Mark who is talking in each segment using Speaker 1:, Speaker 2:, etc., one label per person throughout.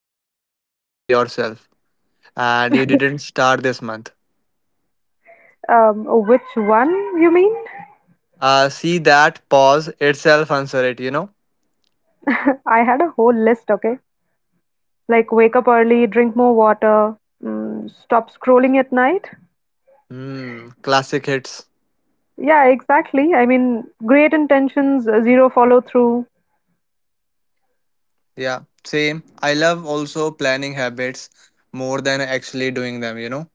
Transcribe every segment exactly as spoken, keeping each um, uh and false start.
Speaker 1: you promise yourself and you didn't start this month?
Speaker 2: Um, which one you mean?
Speaker 1: Uh, see that pause itself answer it, you know?
Speaker 2: I had a whole list, okay? Like wake up early, drink more water, mm, stop scrolling at night.
Speaker 1: Hmm, classic hits.
Speaker 2: Yeah, exactly. I mean, great intentions, uh, zero follow through.
Speaker 1: Yeah, same. I love also planning habits more than actually doing them, you know?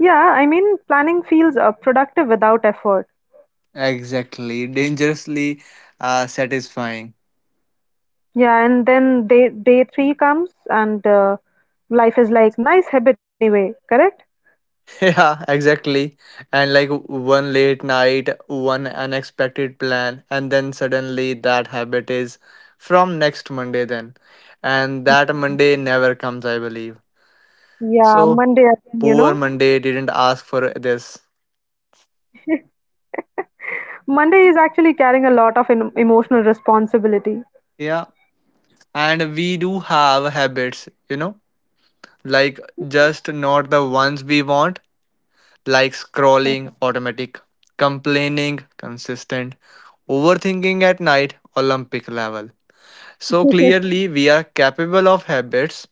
Speaker 2: Yeah, I mean, planning feels uh, productive without effort.
Speaker 1: Exactly. Dangerously uh, satisfying.
Speaker 2: Yeah, and then day day three comes, and uh, life is like nice habit anyway, correct?
Speaker 1: Yeah, exactly. And like one late night, one unexpected plan, and then suddenly that habit is from next Monday, then. And that Monday never comes, I believe.
Speaker 2: Yeah,
Speaker 1: So
Speaker 2: Monday again, you
Speaker 1: poor
Speaker 2: know.
Speaker 1: Monday didn't ask for this.
Speaker 2: Monday is actually carrying a lot of em emotional responsibility.
Speaker 1: Yeah. And we do have habits, you know, like just not the ones we want, like scrolling, automatic, complaining, consistent, overthinking at night, Olympic level. So clearly, we are capable of habits,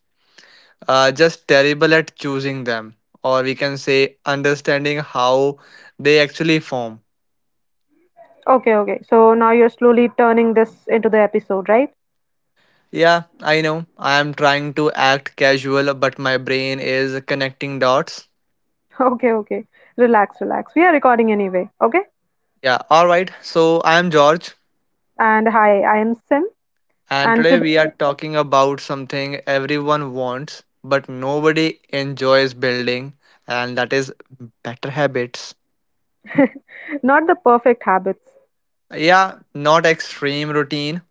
Speaker 1: uh, just terrible at choosing them, or we can say understanding how they actually form.
Speaker 2: Okay, okay. So now you're slowly turning this into the episode, right?
Speaker 1: Yeah, I know. I am trying to act casual, but my brain is connecting dots.
Speaker 2: Okay, okay. Relax, relax. We are recording anyway, okay?
Speaker 1: Yeah, alright. So I am George,
Speaker 2: And hi, I am Sim,
Speaker 1: and
Speaker 2: and
Speaker 1: today we are
Speaker 2: today,
Speaker 1: talking about something everyone wants, but nobody enjoys building, and that is better habits.
Speaker 2: not the perfect habits,
Speaker 1: Yeah, not extreme routine.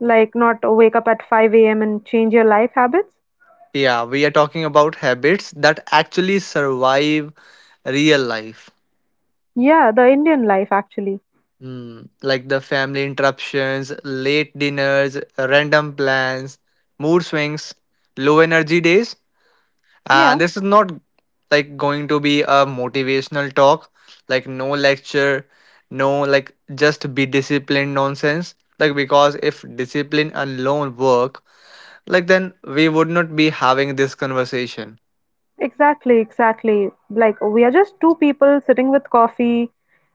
Speaker 2: like not wake up at five a m and change your life habits.
Speaker 1: Yeah, we are talking about habits that actually survive real life.
Speaker 2: Yeah, the Indian life actually.
Speaker 1: Hmm, like the family interruptions, late dinners, random plans, mood swings, low energy days.
Speaker 2: Yeah,
Speaker 1: And this is not like going to be a motivational talk, like no lecture, no like just be disciplined nonsense. Like because if discipline alone work, like then we would not be having this conversation.
Speaker 2: exactly, exactly. Like we are just two people sitting with coffee,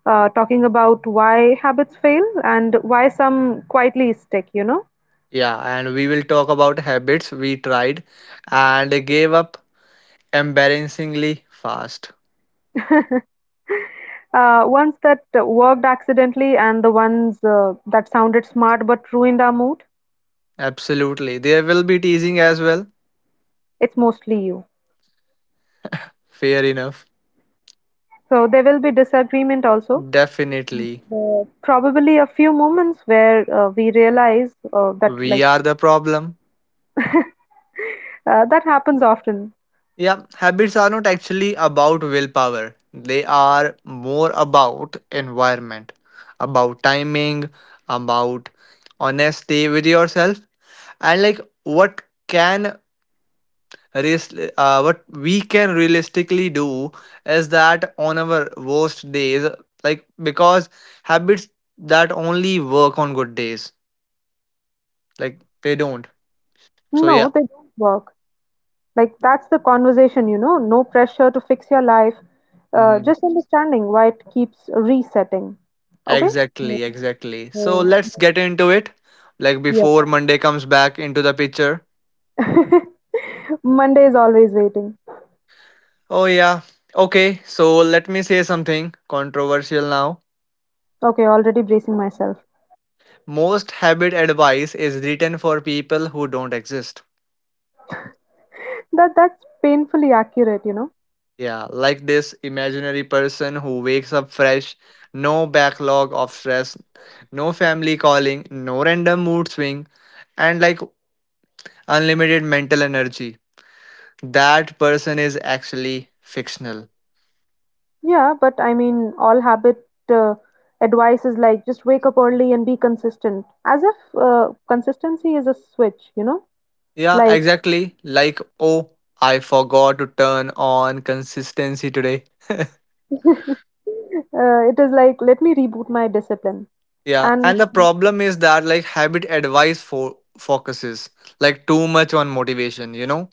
Speaker 2: uh, talking about why habits fail and why some quietly stick, you know?
Speaker 1: Yeah, and we will talk about habits we tried and gave up embarrassingly fast.
Speaker 2: Uh, ones that worked accidentally and the ones uh, that sounded smart but ruined our mood,
Speaker 1: Absolutely. There will be teasing as well.
Speaker 2: it's mostly you.
Speaker 1: Fair enough.
Speaker 2: So there will be disagreement also.
Speaker 1: Definitely.
Speaker 2: Uh, probably a few moments where uh, we realize uh, that
Speaker 1: We
Speaker 2: like
Speaker 1: are the problem.
Speaker 2: uh, that happens often.
Speaker 1: Yeah, habits are not actually about willpower, they are more about environment, about timing, about honesty with yourself, and like what can real- uh, what we can realistically do is that on our worst days, like because habits that only work on good days, like they don't. So
Speaker 2: No,
Speaker 1: yeah.
Speaker 2: they don't work. Like that's the conversation, you know. No pressure to fix your life. Uh,
Speaker 1: hmm
Speaker 2: just understanding why it keeps resetting. Okay. So,
Speaker 1: exactly, exactly, so
Speaker 2: uh,
Speaker 1: let's get into it. Like
Speaker 2: yeah.
Speaker 1: before Monday comes back into the picture.
Speaker 2: Monday is always waiting.
Speaker 1: Oh yeah. Okay, so let me say something controversial now.
Speaker 2: Okay, already bracing myself.
Speaker 1: Most habit advice is written for people who don't exist.
Speaker 2: That that's painfully accurate, you know.
Speaker 1: Yeah, like this imaginary person who wakes up fresh, no backlog of stress, no family calling, no random mood swing, and like unlimited mental energy. That person is actually fictional.
Speaker 2: Yeah, but I mean, all habit uh, advice is like just wake up early and be consistent, as if uh, consistency is a switch, you know.
Speaker 1: Yeah,
Speaker 2: Like
Speaker 1: exactly. Like, oh, I forgot to turn on consistency today.
Speaker 2: uh, it is like let me reboot my discipline,
Speaker 1: Yeah,
Speaker 2: and
Speaker 1: and the problem is that like habit advice for focuses like too much on motivation, you know?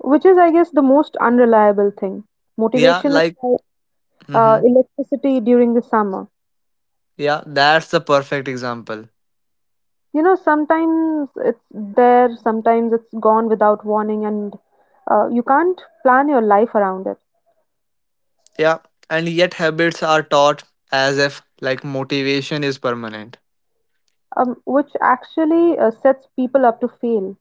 Speaker 2: which is, I guess, the most unreliable thing.
Speaker 1: Yeah,
Speaker 2: Motivation is
Speaker 1: like,
Speaker 2: like uh,
Speaker 1: mm-hmm.
Speaker 2: electricity during the summer.
Speaker 1: Yeah, that's the perfect example.
Speaker 2: You know, sometimes it's there, sometimes it's gone without warning, and uh, you can't plan your life around it.
Speaker 1: Yeah, and yet habits are taught as if like motivation is permanent.
Speaker 2: Um, which actually uh, sets people up to fail.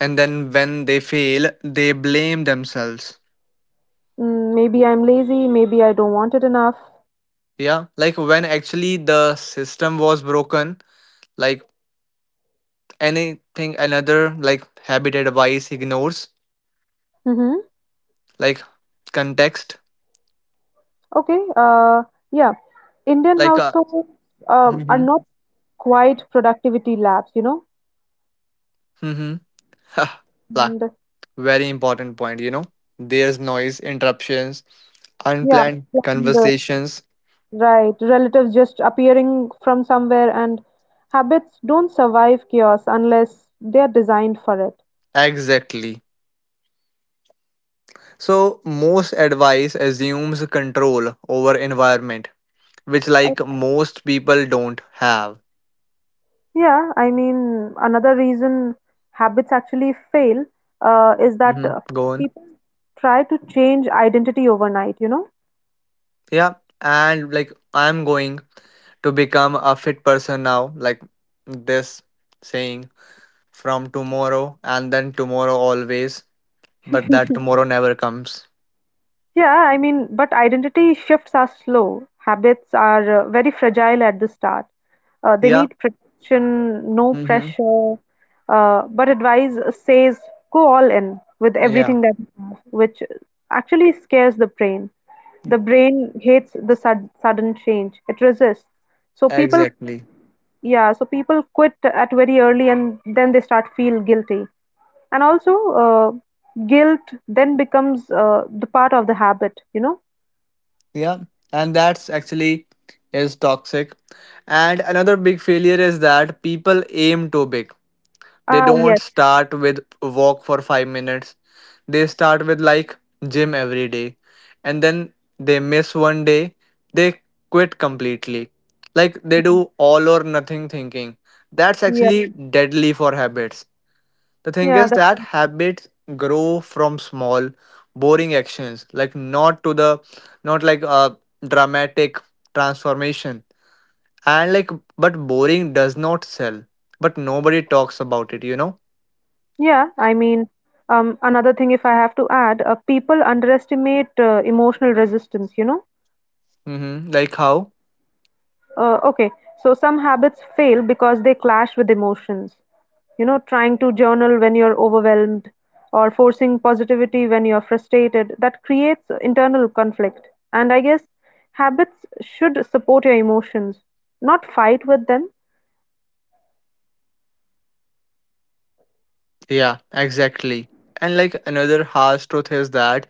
Speaker 1: And then when they fail, they blame themselves.
Speaker 2: Mm, maybe I'm lazy, maybe I don't want it enough.
Speaker 1: Yeah, like when actually the system was broken, like anything another like habit advice ignores
Speaker 2: Mm-hmm.
Speaker 1: like context,
Speaker 2: Okay, uh, yeah, Indian
Speaker 1: like uh,
Speaker 2: households um, are
Speaker 1: mm-hmm.
Speaker 2: not quite productivity labs, you know.
Speaker 1: Mm-hmm. Like
Speaker 2: and
Speaker 1: very important point, you know. There's noise, interruptions,
Speaker 2: yeah
Speaker 1: unplanned
Speaker 2: and, uh,
Speaker 1: conversations.
Speaker 2: Right, relatives just appearing from somewhere, and habits don't survive chaos unless they're designed for it.
Speaker 1: Exactly. So most advice assumes control over environment, which
Speaker 2: Uh,
Speaker 1: like most people don't have.
Speaker 2: Yeah, I mean, another reason habits actually fail uh, is that
Speaker 1: hmm
Speaker 2: uh,
Speaker 1: Go on.
Speaker 2: people try to change identity overnight, you know?
Speaker 1: Yeah, and like I'm going to become a fit person now. Like this saying from tomorrow and then tomorrow always, but that tomorrow never comes.
Speaker 2: Yeah, I mean, but identity shifts are slow. Habits are uh, very fragile at the start. Uh, they
Speaker 1: Yeah.
Speaker 2: need protection, no
Speaker 1: Mm-hmm.
Speaker 2: pressure. Uh, but advice says go all in with
Speaker 1: Yeah.
Speaker 2: everything that you have, which actually scares the brain. The brain hates the sud sudden change. It resists. So people,
Speaker 1: Exactly.
Speaker 2: yeah, so people quit at very early and then they start feel guilty. And also, uh, guilt then becomes uh, the part of the habit, you know?
Speaker 1: Yeah, and that's actually is toxic. And another big failure is that people aim too big. They
Speaker 2: Ah,
Speaker 1: don't
Speaker 2: yes,
Speaker 1: start with walk for 5 minutes. They start with like gym every day and then they miss one day, they quit completely. Like they do all or nothing thinking. That's
Speaker 2: yeah,
Speaker 1: actually deadly for habits. The thing
Speaker 2: yeah,
Speaker 1: is
Speaker 2: that,
Speaker 1: that habits grow from small boring actions, like not to the, not like a dramatic transformation, and like but boring does not sell, but nobody talks about it, you know.
Speaker 2: yeah. I mean, um, another thing, if I have to add, uh, people underestimate uh, emotional resistance, you know?
Speaker 1: Mm-hmm. Like how?
Speaker 2: Uh, okay, so some habits fail because they clash with emotions. You know, trying to journal when you're overwhelmed or forcing positivity when you're frustrated, that creates internal conflict. And I guess habits should support your emotions, not fight with them.
Speaker 1: Yeah, exactly. And like another harsh truth is that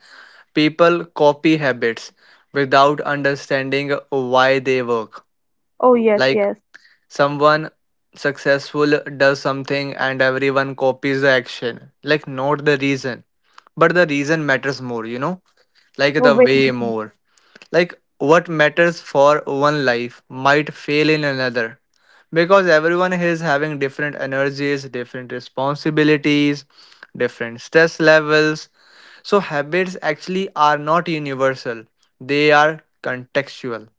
Speaker 1: people copy habits without understanding why they work.
Speaker 2: Oh, yes,
Speaker 1: Like
Speaker 2: yes.
Speaker 1: someone successful does something and everyone copies the action. Like not the reason, but the reason matters more, you know? Like
Speaker 2: Oh,
Speaker 1: the
Speaker 2: wait.
Speaker 1: way more. Like what matters for one life might fail in another because everyone is having different energies, different responsibilities, different stress levels. So habits actually are not universal. They are contextual.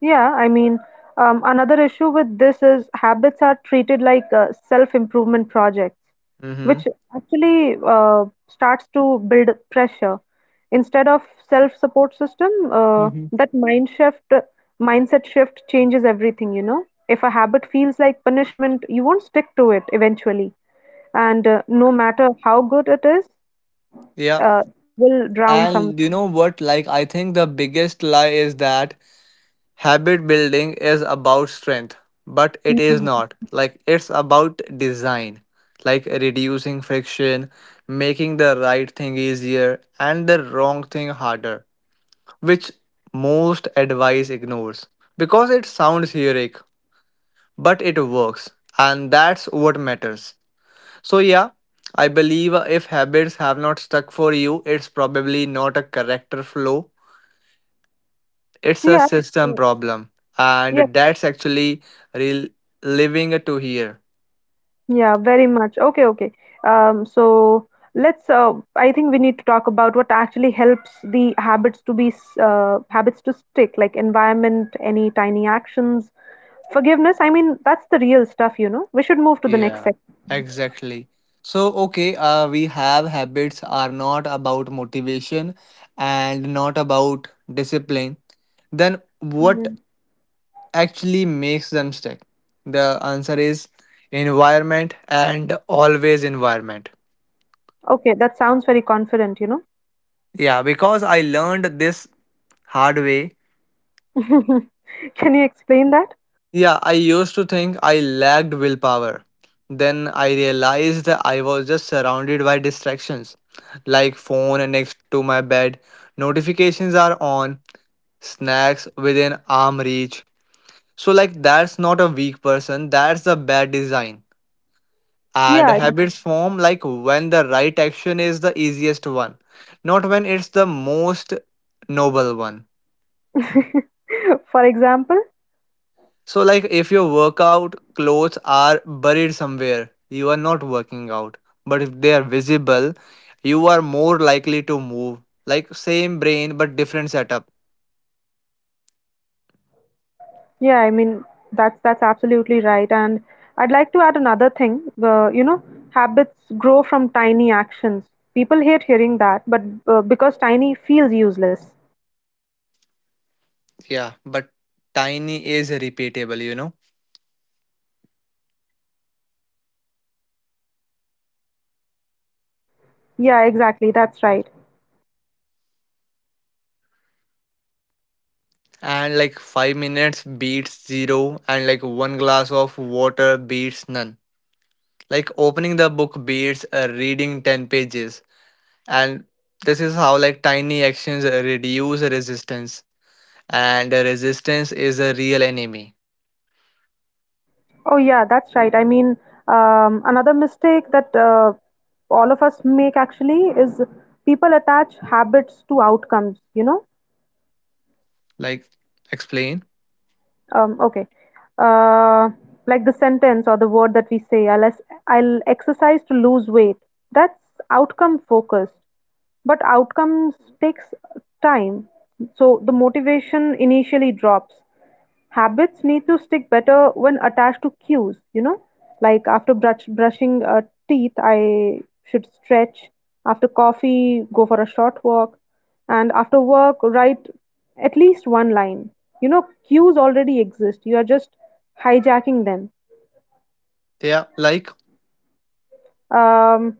Speaker 2: Yeah, I mean, um, another issue with this is habits are treated like uh, self-improvement projects, which
Speaker 1: Mhm.
Speaker 2: actually uh, starts to build pressure. Instead of self-support system, uh,
Speaker 1: hmm
Speaker 2: that mind shift, mindset shift changes everything, you know. If a habit feels like punishment, you won't stick to it eventually. And uh, no matter how good it is,
Speaker 1: Yeah.
Speaker 2: uh, will drown some.
Speaker 1: And you know what? Like, I think the biggest lie is that habit building is about strength, but it is
Speaker 2: Mhm.
Speaker 1: not. Like, it's about design, like reducing friction, making the right thing easier and the wrong thing harder, which most advice ignores because it sounds heroic, but it works, and that's what matters. So, yeah, I believe if habits have not stuck for you, it's probably not a character flaw. It's a
Speaker 2: Yeah,
Speaker 1: system problem,
Speaker 2: yeah.
Speaker 1: and that's actually real living to here.
Speaker 2: Yeah, very much. Okay, okay. Um, so let's uh, I think we need to talk about what actually helps the habits to be s- uh, habits to stick, like environment, any tiny actions, forgiveness. I mean, that's the real stuff, you know. We should move to the next
Speaker 1: Yeah,
Speaker 2: section.
Speaker 1: exactly. So, okay, uh, we have habits are not about motivation and not about discipline. Then, what
Speaker 2: Mm.
Speaker 1: actually makes them stick? The answer is environment and always environment.
Speaker 2: Okay, that sounds very confident, you know.
Speaker 1: Yeah, because I learned this hard way.
Speaker 2: Can you explain that?
Speaker 1: Yeah, I used to think I lacked willpower. Then I realized that I was just surrounded by distractions, like phone next to my bed, notifications are on, snacks within arm reach. So like that's not a weak person, that's a bad design. And
Speaker 2: Yeah.
Speaker 1: habits form like when the right action is the easiest one, not when it's the most noble one.
Speaker 2: For example,
Speaker 1: So, like, if your workout clothes are buried somewhere, you are not working out. But if they are visible, you are more likely to move. Like, same brain, but different setup.
Speaker 2: yeah, I mean that's that's absolutely right. And I'd like to add another thing. Uh, you know, habits grow from tiny actions. People hate hearing that, but uh, because tiny feels useless.
Speaker 1: Yeah, but tiny is repeatable, you know?
Speaker 2: Yeah, exactly. That's right.
Speaker 1: And like, five minutes beats zero, and like, one glass of water beats none. Like, opening the book beats uh, reading 10 pages. And this is how, like, tiny actions uh, reduce resistance. And the resistance is a real enemy.
Speaker 2: Oh yeah, that's right. I mean, um, another mistake that uh, all of us make actually is people attach habits to outcomes. You know,
Speaker 1: Like, explain.
Speaker 2: Um, okay. Uh, like the sentence or the word that we say, I'll, ex- I'll exercise to lose weight. That's outcome focused, but outcomes takes time. So the motivation initially drops. Habits need to stick better when attached to cues, you know, like after brush, brushing uh, teeth, I should stretch. After coffee, go for a short walk. And after work, write at least one line. You know, cues already exist. You are just hijacking them.
Speaker 1: Yeah, like,
Speaker 2: Um,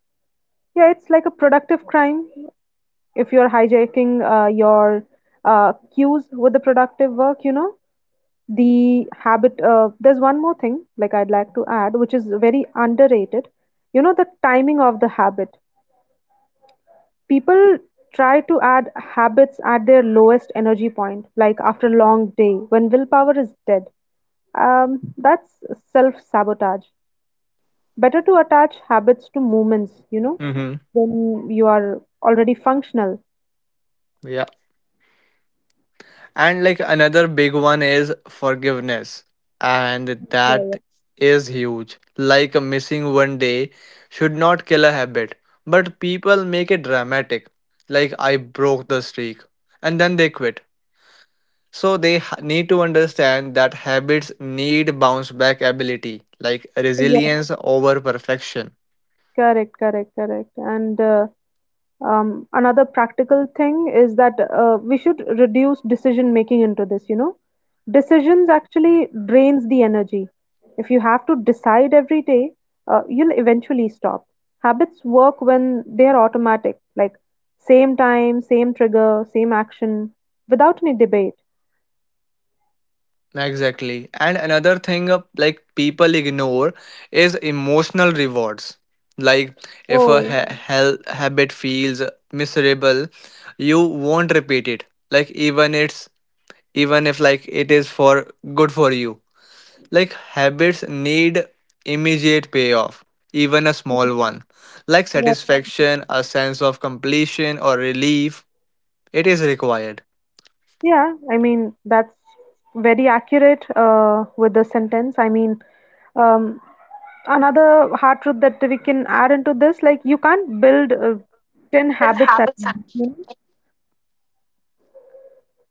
Speaker 2: yeah, it's like a productive crime if you're hijacking uh, your uh, cues with the productive work, you know. The habit, uh, there's one more thing, like I'd like to add, which is very underrated. You know, the timing of the habit. People try to add habits at their lowest energy point, like after a long day when willpower is dead. Um, that's self sabotage. Better to attach habits to moments, you know,
Speaker 1: hmm
Speaker 2: when you are already functional.
Speaker 1: yeah. And like another big one is forgiveness, and
Speaker 2: Yeah, yeah.
Speaker 1: that is huge. Like, a missing one day should not kill a habit, but people make it dramatic. Like, I broke the streak, and then they quit. So they ha- need to understand that habits need bounce back ability, like
Speaker 2: Yeah,
Speaker 1: resilience over perfection.
Speaker 2: correct, correct, correct. And uh, Um, another practical thing is that uh, we should reduce decision making into this, you know. Decisions actually drains the energy. If you have to decide every day, uh, you'll eventually stop. Habits work when they are automatic, like same time, same trigger, same action, without any debate.
Speaker 1: Exactly. And another thing uh, like people ignore is emotional rewards. Like if a
Speaker 2: Oh,
Speaker 1: ha- Hmm. hel- habit feels miserable, you won't repeat it. Like even it's even if like it is for good for you. Like habits need immediate payoff, even a small one, like
Speaker 2: right.
Speaker 1: satisfaction, a sense of completion, or relief. It is required.
Speaker 2: Yeah, I mean, that's very accurate uh, with the sentence. I mean, um, another hard truth that we can add into this, like you can't build uh, ten
Speaker 1: Then
Speaker 2: habits at
Speaker 1: habits are,
Speaker 2: once, you know,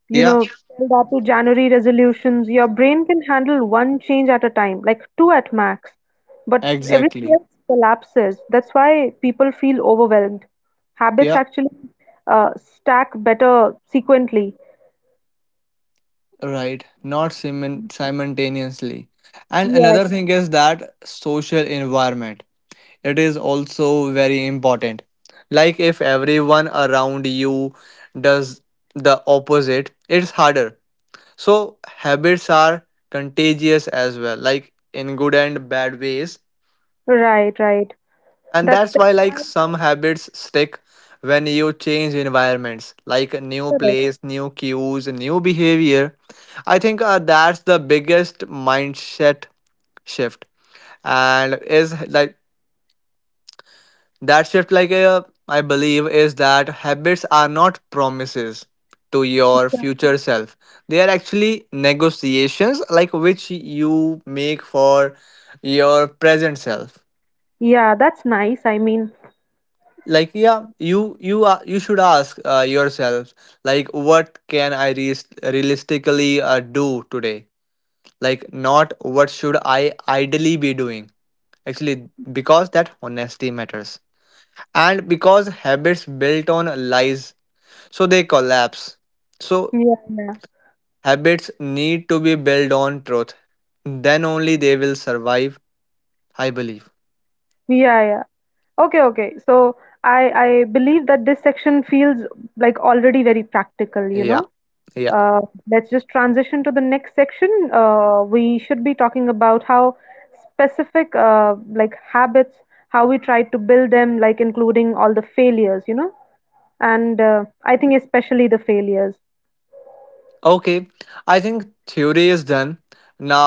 Speaker 2: you
Speaker 1: yeah,
Speaker 2: tell that to January resolutions. Your brain can handle one change at a time, like two at max, but everything
Speaker 1: exactly.
Speaker 2: else collapses. That's why people feel overwhelmed. Habits
Speaker 1: Yeah,
Speaker 2: actually uh, stack better sequentially.
Speaker 1: right. Not simin- simultaneously. And another
Speaker 2: Yes.
Speaker 1: thing is that social environment. It is also very important. Like if everyone around you does the opposite, it's harder. So habits are contagious as well, like in good and bad ways.
Speaker 2: Right, right.
Speaker 1: And
Speaker 2: That's
Speaker 1: that's why
Speaker 2: that's
Speaker 1: like
Speaker 2: why.
Speaker 1: some habits stick when you change environments, like a new
Speaker 2: Correct.
Speaker 1: place, new cues, new behavior. I think uh, that's the biggest mindset shift and is like that shift, like uh, I believe, is that habits are not promises to your future self. They are actually negotiations, like which you make for your present self.
Speaker 2: Yeah, that's nice. I mean,
Speaker 1: Like yeah, you you are you should ask uh, yourself like what can I re- realistically uh, do today? Like not what should I ideally be doing. Actually, because that honesty matters, and because habits built on lies so they collapse. So
Speaker 2: yeah, yeah,
Speaker 1: habits need to be built on truth. Then only they will survive, I believe.
Speaker 2: yeah, yeah. Okay, okay. So I I believe that this section feels like already very practical, you
Speaker 1: Yeah,
Speaker 2: know.
Speaker 1: yeah.
Speaker 2: Uh, let's just transition to the next section. Uh, we should be talking about how specific uh, like habits, how we try to build them, like including all the failures, you know. And uh, I think especially the failures.
Speaker 1: Okay, I think theory is done.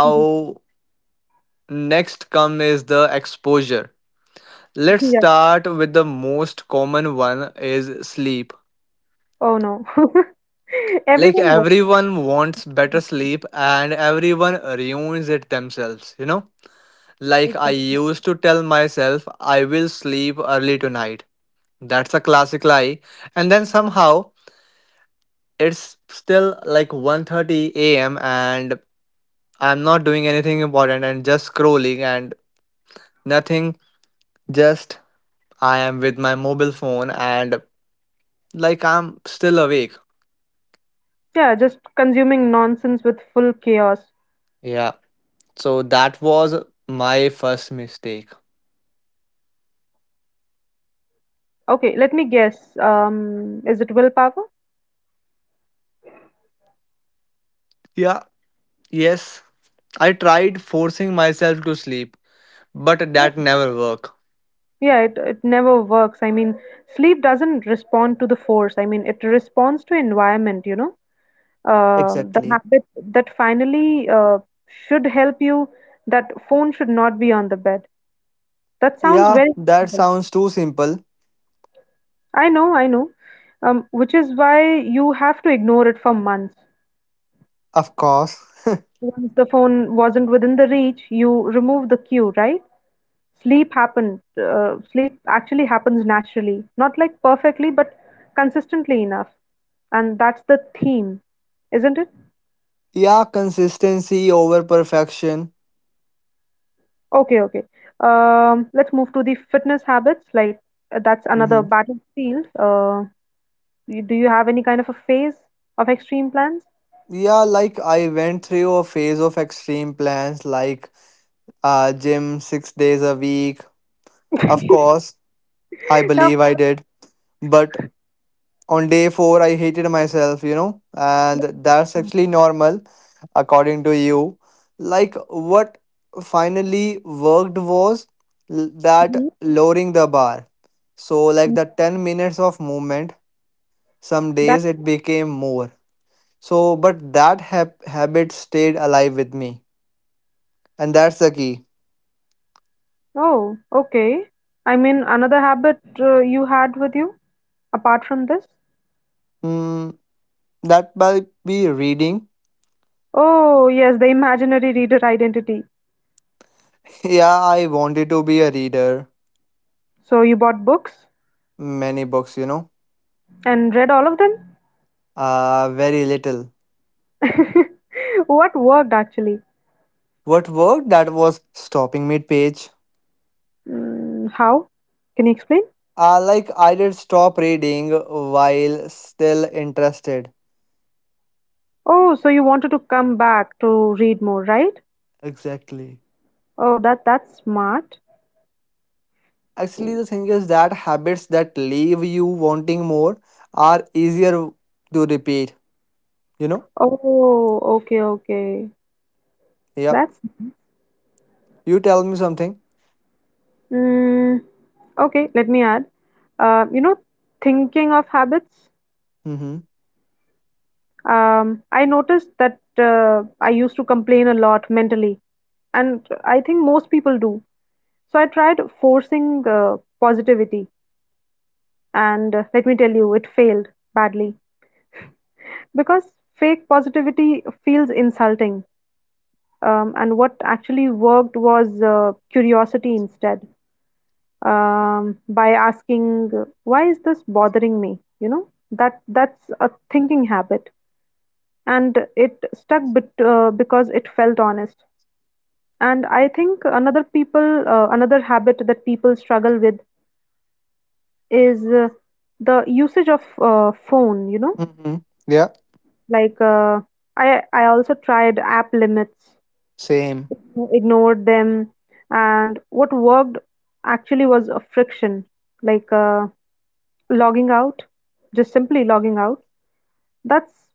Speaker 2: Mhm.
Speaker 1: next come is the exposure. Let's
Speaker 2: Yeah.
Speaker 1: start with the most common one is sleep.
Speaker 2: Oh no.
Speaker 1: Like
Speaker 2: Everyone works.
Speaker 1: everyone wants better sleep and everyone ruins it themselves, you know? Like I
Speaker 2: Exactly.
Speaker 1: used to tell myself I will sleep early tonight. That's a classic lie. And then somehow it's still like one thirty a m and I'm not doing anything important and just scrolling and nothing. Just I am with my mobile phone and like I'm still awake.
Speaker 2: Yeah, just consuming nonsense with full chaos.
Speaker 1: Yeah. So that was my first mistake.
Speaker 2: Okay, let me guess. Um, is it willpower?
Speaker 1: Yeah. Yes. I tried forcing myself to sleep, but that never worked.
Speaker 2: Yeah, it, it never works. I mean, sleep doesn't respond to the force. I mean, it responds to environment, you know. Um, the habit that finally uh, should help you, that phone should not be on the bed. That sounds
Speaker 1: Yeah,
Speaker 2: very
Speaker 1: that
Speaker 2: simple.
Speaker 1: sounds too simple.
Speaker 2: I know, I know. Um, which is why you have to ignore it for months.
Speaker 1: Of course.
Speaker 2: Once the phone wasn't within the reach, you remove the cue, right? Sleep happened. Uh, sleep actually happens naturally, not like perfectly, but consistently enough, and that's the theme, isn't it?
Speaker 1: Yeah, consistency over perfection.
Speaker 2: Okay, okay. Um, let's move to the fitness habits. Like uh, that's another
Speaker 1: hmm
Speaker 2: battlefield. Uh, you- do you have any kind of a phase of extreme plans?
Speaker 1: Yeah, like I went through a phase of extreme plans, like uh, gym six days a week. Of course, I
Speaker 2: Yeah,
Speaker 1: believe
Speaker 2: of
Speaker 1: I
Speaker 2: course.
Speaker 1: did. But on day four, I hated myself, you know, and that's actually normal, according to you. Like, what finally worked was l- that lowering the bar. So, like
Speaker 2: Mhm.
Speaker 1: the ten minutes of movement, some
Speaker 2: That.
Speaker 1: days it became more. So, but that hab habit stayed alive with me. And that's the key.
Speaker 2: Oh, okay. I mean, another habit uh, you had with you apart from this?
Speaker 1: Hmm, that might be reading.
Speaker 2: Oh, yes, the imaginary reader identity.
Speaker 1: Yeah, I wanted to be a reader.
Speaker 2: So you bought books
Speaker 1: Many books, you know.
Speaker 2: and read all of them?
Speaker 1: Uh, very little.
Speaker 2: What worked actually?
Speaker 1: What worked that was stopping mid page.
Speaker 2: Mm, how? Can you explain?
Speaker 1: Uh, like I did stop reading while still interested.
Speaker 2: Oh, so you wanted to come back to read more, right?
Speaker 1: Exactly.
Speaker 2: Oh, that that's smart.
Speaker 1: Actually, the thing is that habits that leave you wanting more are easier to repeat, you know?
Speaker 2: Oh, okay, okay.
Speaker 1: Yeah.
Speaker 2: That's
Speaker 1: You tell me something.
Speaker 2: mm, okay. Let me add. Uh, you know, thinking of habits.
Speaker 1: Mm hmm.
Speaker 2: Um, I noticed that uh, I used to complain a lot mentally, and I think most people do. So I tried forcing uh, positivity. And uh, let me tell you, it failed badly because fake positivity feels insulting. Um, and what actually worked was uh, curiosity instead. Um, by asking, "Why is this bothering me?" You know that that's a thinking habit, and it stuck bet- uh, because it felt honest. And I think another people uh, another habit that people struggle with is uh, the usage of uh, phone. You know,
Speaker 1: Mm hmm. Yeah.
Speaker 2: like uh, I I also tried app limits,
Speaker 1: Same.
Speaker 2: ignored them, and what worked actually was a friction, like uh, logging out, just simply logging out. That's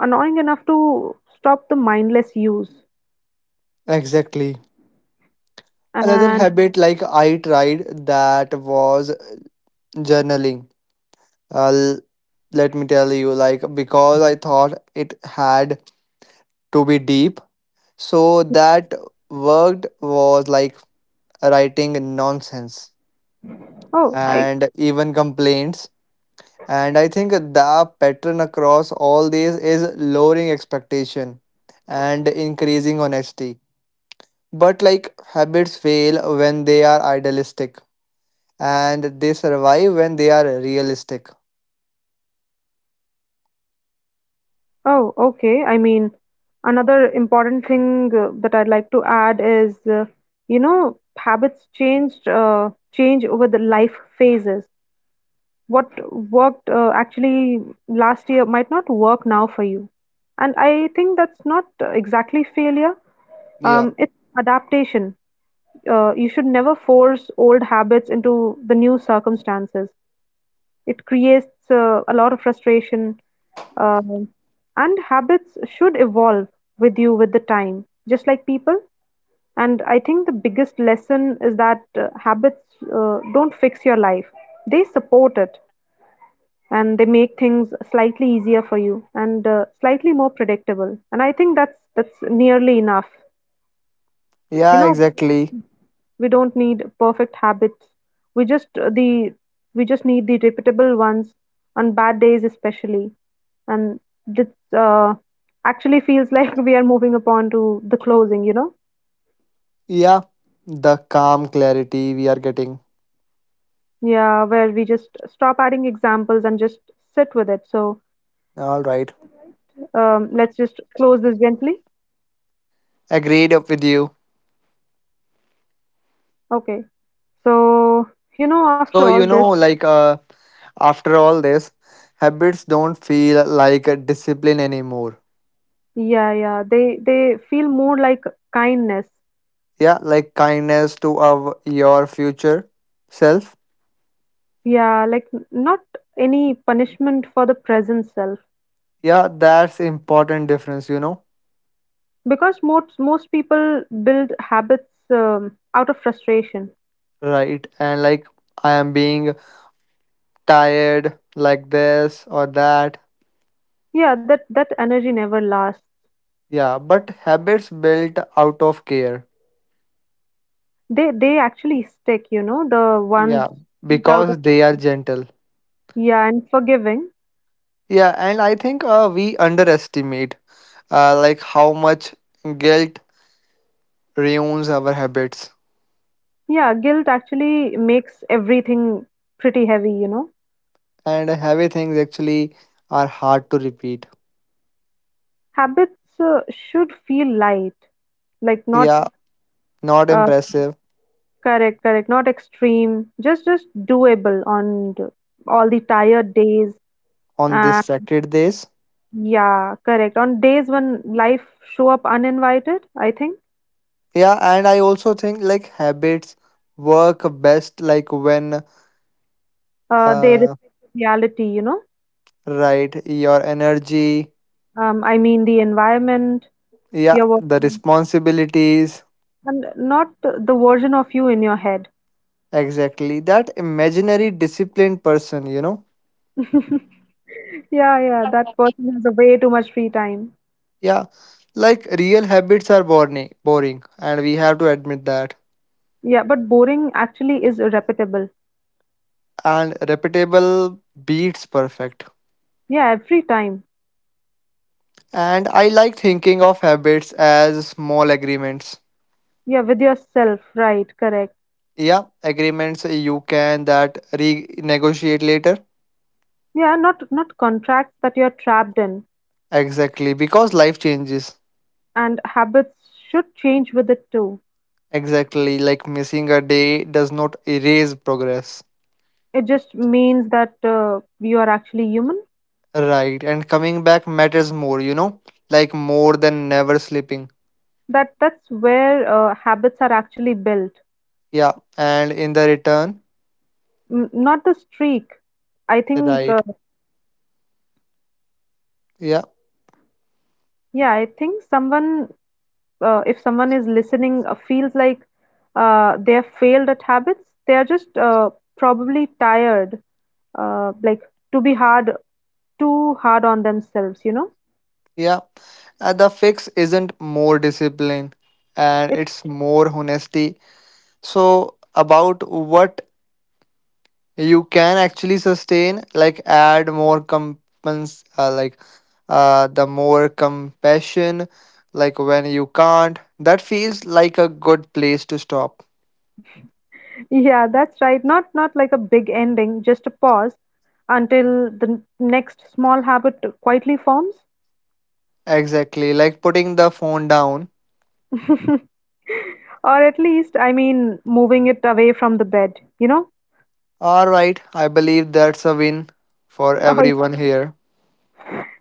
Speaker 2: annoying enough to stop the mindless use.
Speaker 1: Exactly. Another
Speaker 2: And
Speaker 1: habit like I tried that was journaling. Uh, l- Let me tell you, like because I thought it had to be deep, so that worked was like writing nonsense
Speaker 2: oh, I
Speaker 1: and even complaints. And I think the pattern across all these is lowering expectation and increasing honesty. But like habits fail when they are idealistic and they survive when they are realistic.
Speaker 2: oh okay. I mean, another important thing uh, that I'd like to add is, uh, you know, habits changed uh, change over the life phases. What worked uh, actually last year might not work now for you. And I think that's not uh, exactly failure,
Speaker 1: Yeah.
Speaker 2: um, it's adaptation. Uh, you should never force old habits into the new circumstances. It creates uh, a lot of frustration, um, and habits should evolve with you with the time, just like people. And I think the biggest lesson is that uh, habits uh, don't fix your life, they support it and they make things slightly easier for you and uh, slightly more predictable, and I think that's that's nearly enough, you
Speaker 1: Yeah,
Speaker 2: know.
Speaker 1: exactly.
Speaker 2: We don't need perfect habits, we just uh, the we just need the repeatable ones on bad days especially. And this uh, actually feels like we are moving upon to the closing, you know,
Speaker 1: Yeah, the calm clarity we are getting.
Speaker 2: yeah, where we just stop adding examples and just sit with it. So
Speaker 1: All right,
Speaker 2: um, let's just close this gently.
Speaker 1: agreed up with you.
Speaker 2: Okay, so you know, after
Speaker 1: So,
Speaker 2: all
Speaker 1: you
Speaker 2: this,
Speaker 1: know, like uh, after all this, habits don't feel like a discipline anymore.
Speaker 2: yeah, yeah. They they feel more like kindness.
Speaker 1: Yeah, like kindness to our, your future self.
Speaker 2: Yeah, like n- not any punishment for the present self.
Speaker 1: Yeah, that's important difference, you know.
Speaker 2: Because most most people build habits um, out of frustration.
Speaker 1: Right, and like I am being tired like this or that.
Speaker 2: Yeah, that that energy never lasts.
Speaker 1: Yeah, but habits built out of care.
Speaker 2: They they actually stick, you know, the ones
Speaker 1: Yeah,
Speaker 2: out
Speaker 1: because
Speaker 2: of,
Speaker 1: they are gentle.
Speaker 2: yeah, and forgiving.
Speaker 1: Yeah, and I think uh, we underestimate uh, like how much guilt ruins our habits.
Speaker 2: Yeah, guilt actually makes everything pretty heavy, you know.
Speaker 1: And heavy things actually are hard to repeat.
Speaker 2: Habits uh, should feel light, like not
Speaker 1: Yeah, not
Speaker 2: uh,
Speaker 1: impressive
Speaker 2: correct, correct. Not extreme, just just doable on the- all the tired days.
Speaker 1: on
Speaker 2: And
Speaker 1: distracted days.
Speaker 2: yeah, correct. On days when life show up uninvited, I think
Speaker 1: Yeah, and I also think like habits work best like when
Speaker 2: uh, they
Speaker 1: uh
Speaker 2: respect reality. You know,
Speaker 1: right your energy,
Speaker 2: um, I mean the environment,
Speaker 1: yeah,
Speaker 2: your work,
Speaker 1: the responsibilities.
Speaker 2: and not the version of you in your head.
Speaker 1: Exactly. That imaginary disciplined person, you know?
Speaker 2: Yeah, yeah. That person has a way too much free time.
Speaker 1: Yeah. Like real habits are boring, boring, and we have to admit that.
Speaker 2: Yeah, but boring actually is repeatable.
Speaker 1: And repeatable beats perfect.
Speaker 2: Yeah, every time.
Speaker 1: And I like thinking of habits as small agreements.
Speaker 2: Yeah, with yourself. Right, correct.
Speaker 1: Yeah, agreements you can that renegotiate later.
Speaker 2: Yeah, not not contracts that you're trapped in,
Speaker 1: Exactly, because life changes.
Speaker 2: and habits should change with it too.
Speaker 1: Exactly, like missing a day does not erase progress.
Speaker 2: It just means that uh, you are actually human.
Speaker 1: Right, and coming back matters more, you know, like more than never sleeping.
Speaker 2: That that's where uh, habits are actually built,
Speaker 1: Yeah, and in the return,
Speaker 2: N- not the streak. I think,
Speaker 1: right.
Speaker 2: uh,
Speaker 1: Yeah,
Speaker 2: yeah, I think someone, uh, if someone is listening, uh, feels like uh, they have failed at habits. They are just uh, probably tired, uh, like to be hard, too hard on themselves. You know,
Speaker 1: yeah. Uh, the fix isn't more discipline and it's more honesty. So, about what you can actually sustain, like add more compens, uh, like uh, the more compassion, like when you can't, that feels like a good place to stop.
Speaker 2: yeah, that's right. Not not like a big ending, just a pause until the n- next small habit quietly forms.
Speaker 1: Exactly, like putting the phone down.
Speaker 2: Or at least, I mean, moving it away from the bed, you know?
Speaker 1: All right, I believe that's a win for everyone
Speaker 2: Oh,
Speaker 1: here.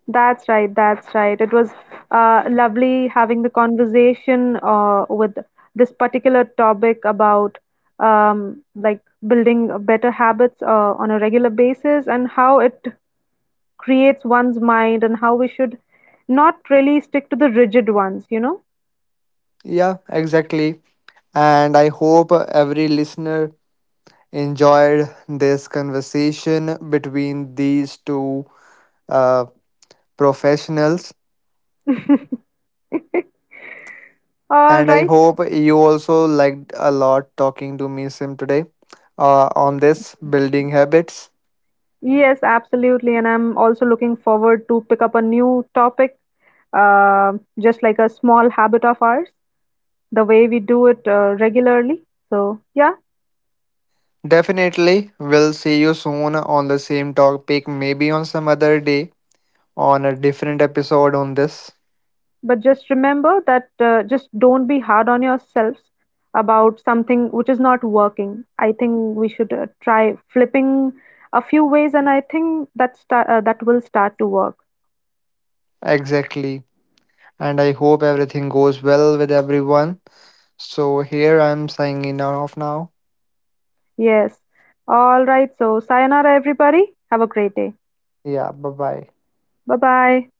Speaker 2: that's right, that's right. It was uh, lovely having the conversation uh, with this particular topic about um, like building better habits uh, on a regular basis and how it creates one's mind and how we should not really stick to the rigid ones, you know?
Speaker 1: Yeah, exactly. And I hope every listener enjoyed this conversation between these two uh, professionals.
Speaker 2: All
Speaker 1: And I
Speaker 2: right.
Speaker 1: hope you also liked a lot talking to me, Sim, today uh, on this building habits.
Speaker 2: Yes, absolutely. And I'm also looking forward to pick up a new topic, uh, just like a small habit of ours, the way we do it uh, regularly. So, yeah.
Speaker 1: Definitely, we'll see you soon on the same topic, maybe on some other day on a different episode on this.
Speaker 2: But just remember that uh, just don't be hard on yourselves about something which is not working. I think we should uh, try flipping a few ways, and I think that start, uh, that will start to work.
Speaker 1: Exactly. And I hope everything goes well with everyone. So here I'm signing off now.
Speaker 2: Yes. All right. So, sayonara, everybody. Have a great day.
Speaker 1: Yeah, bye bye.
Speaker 2: Bye bye.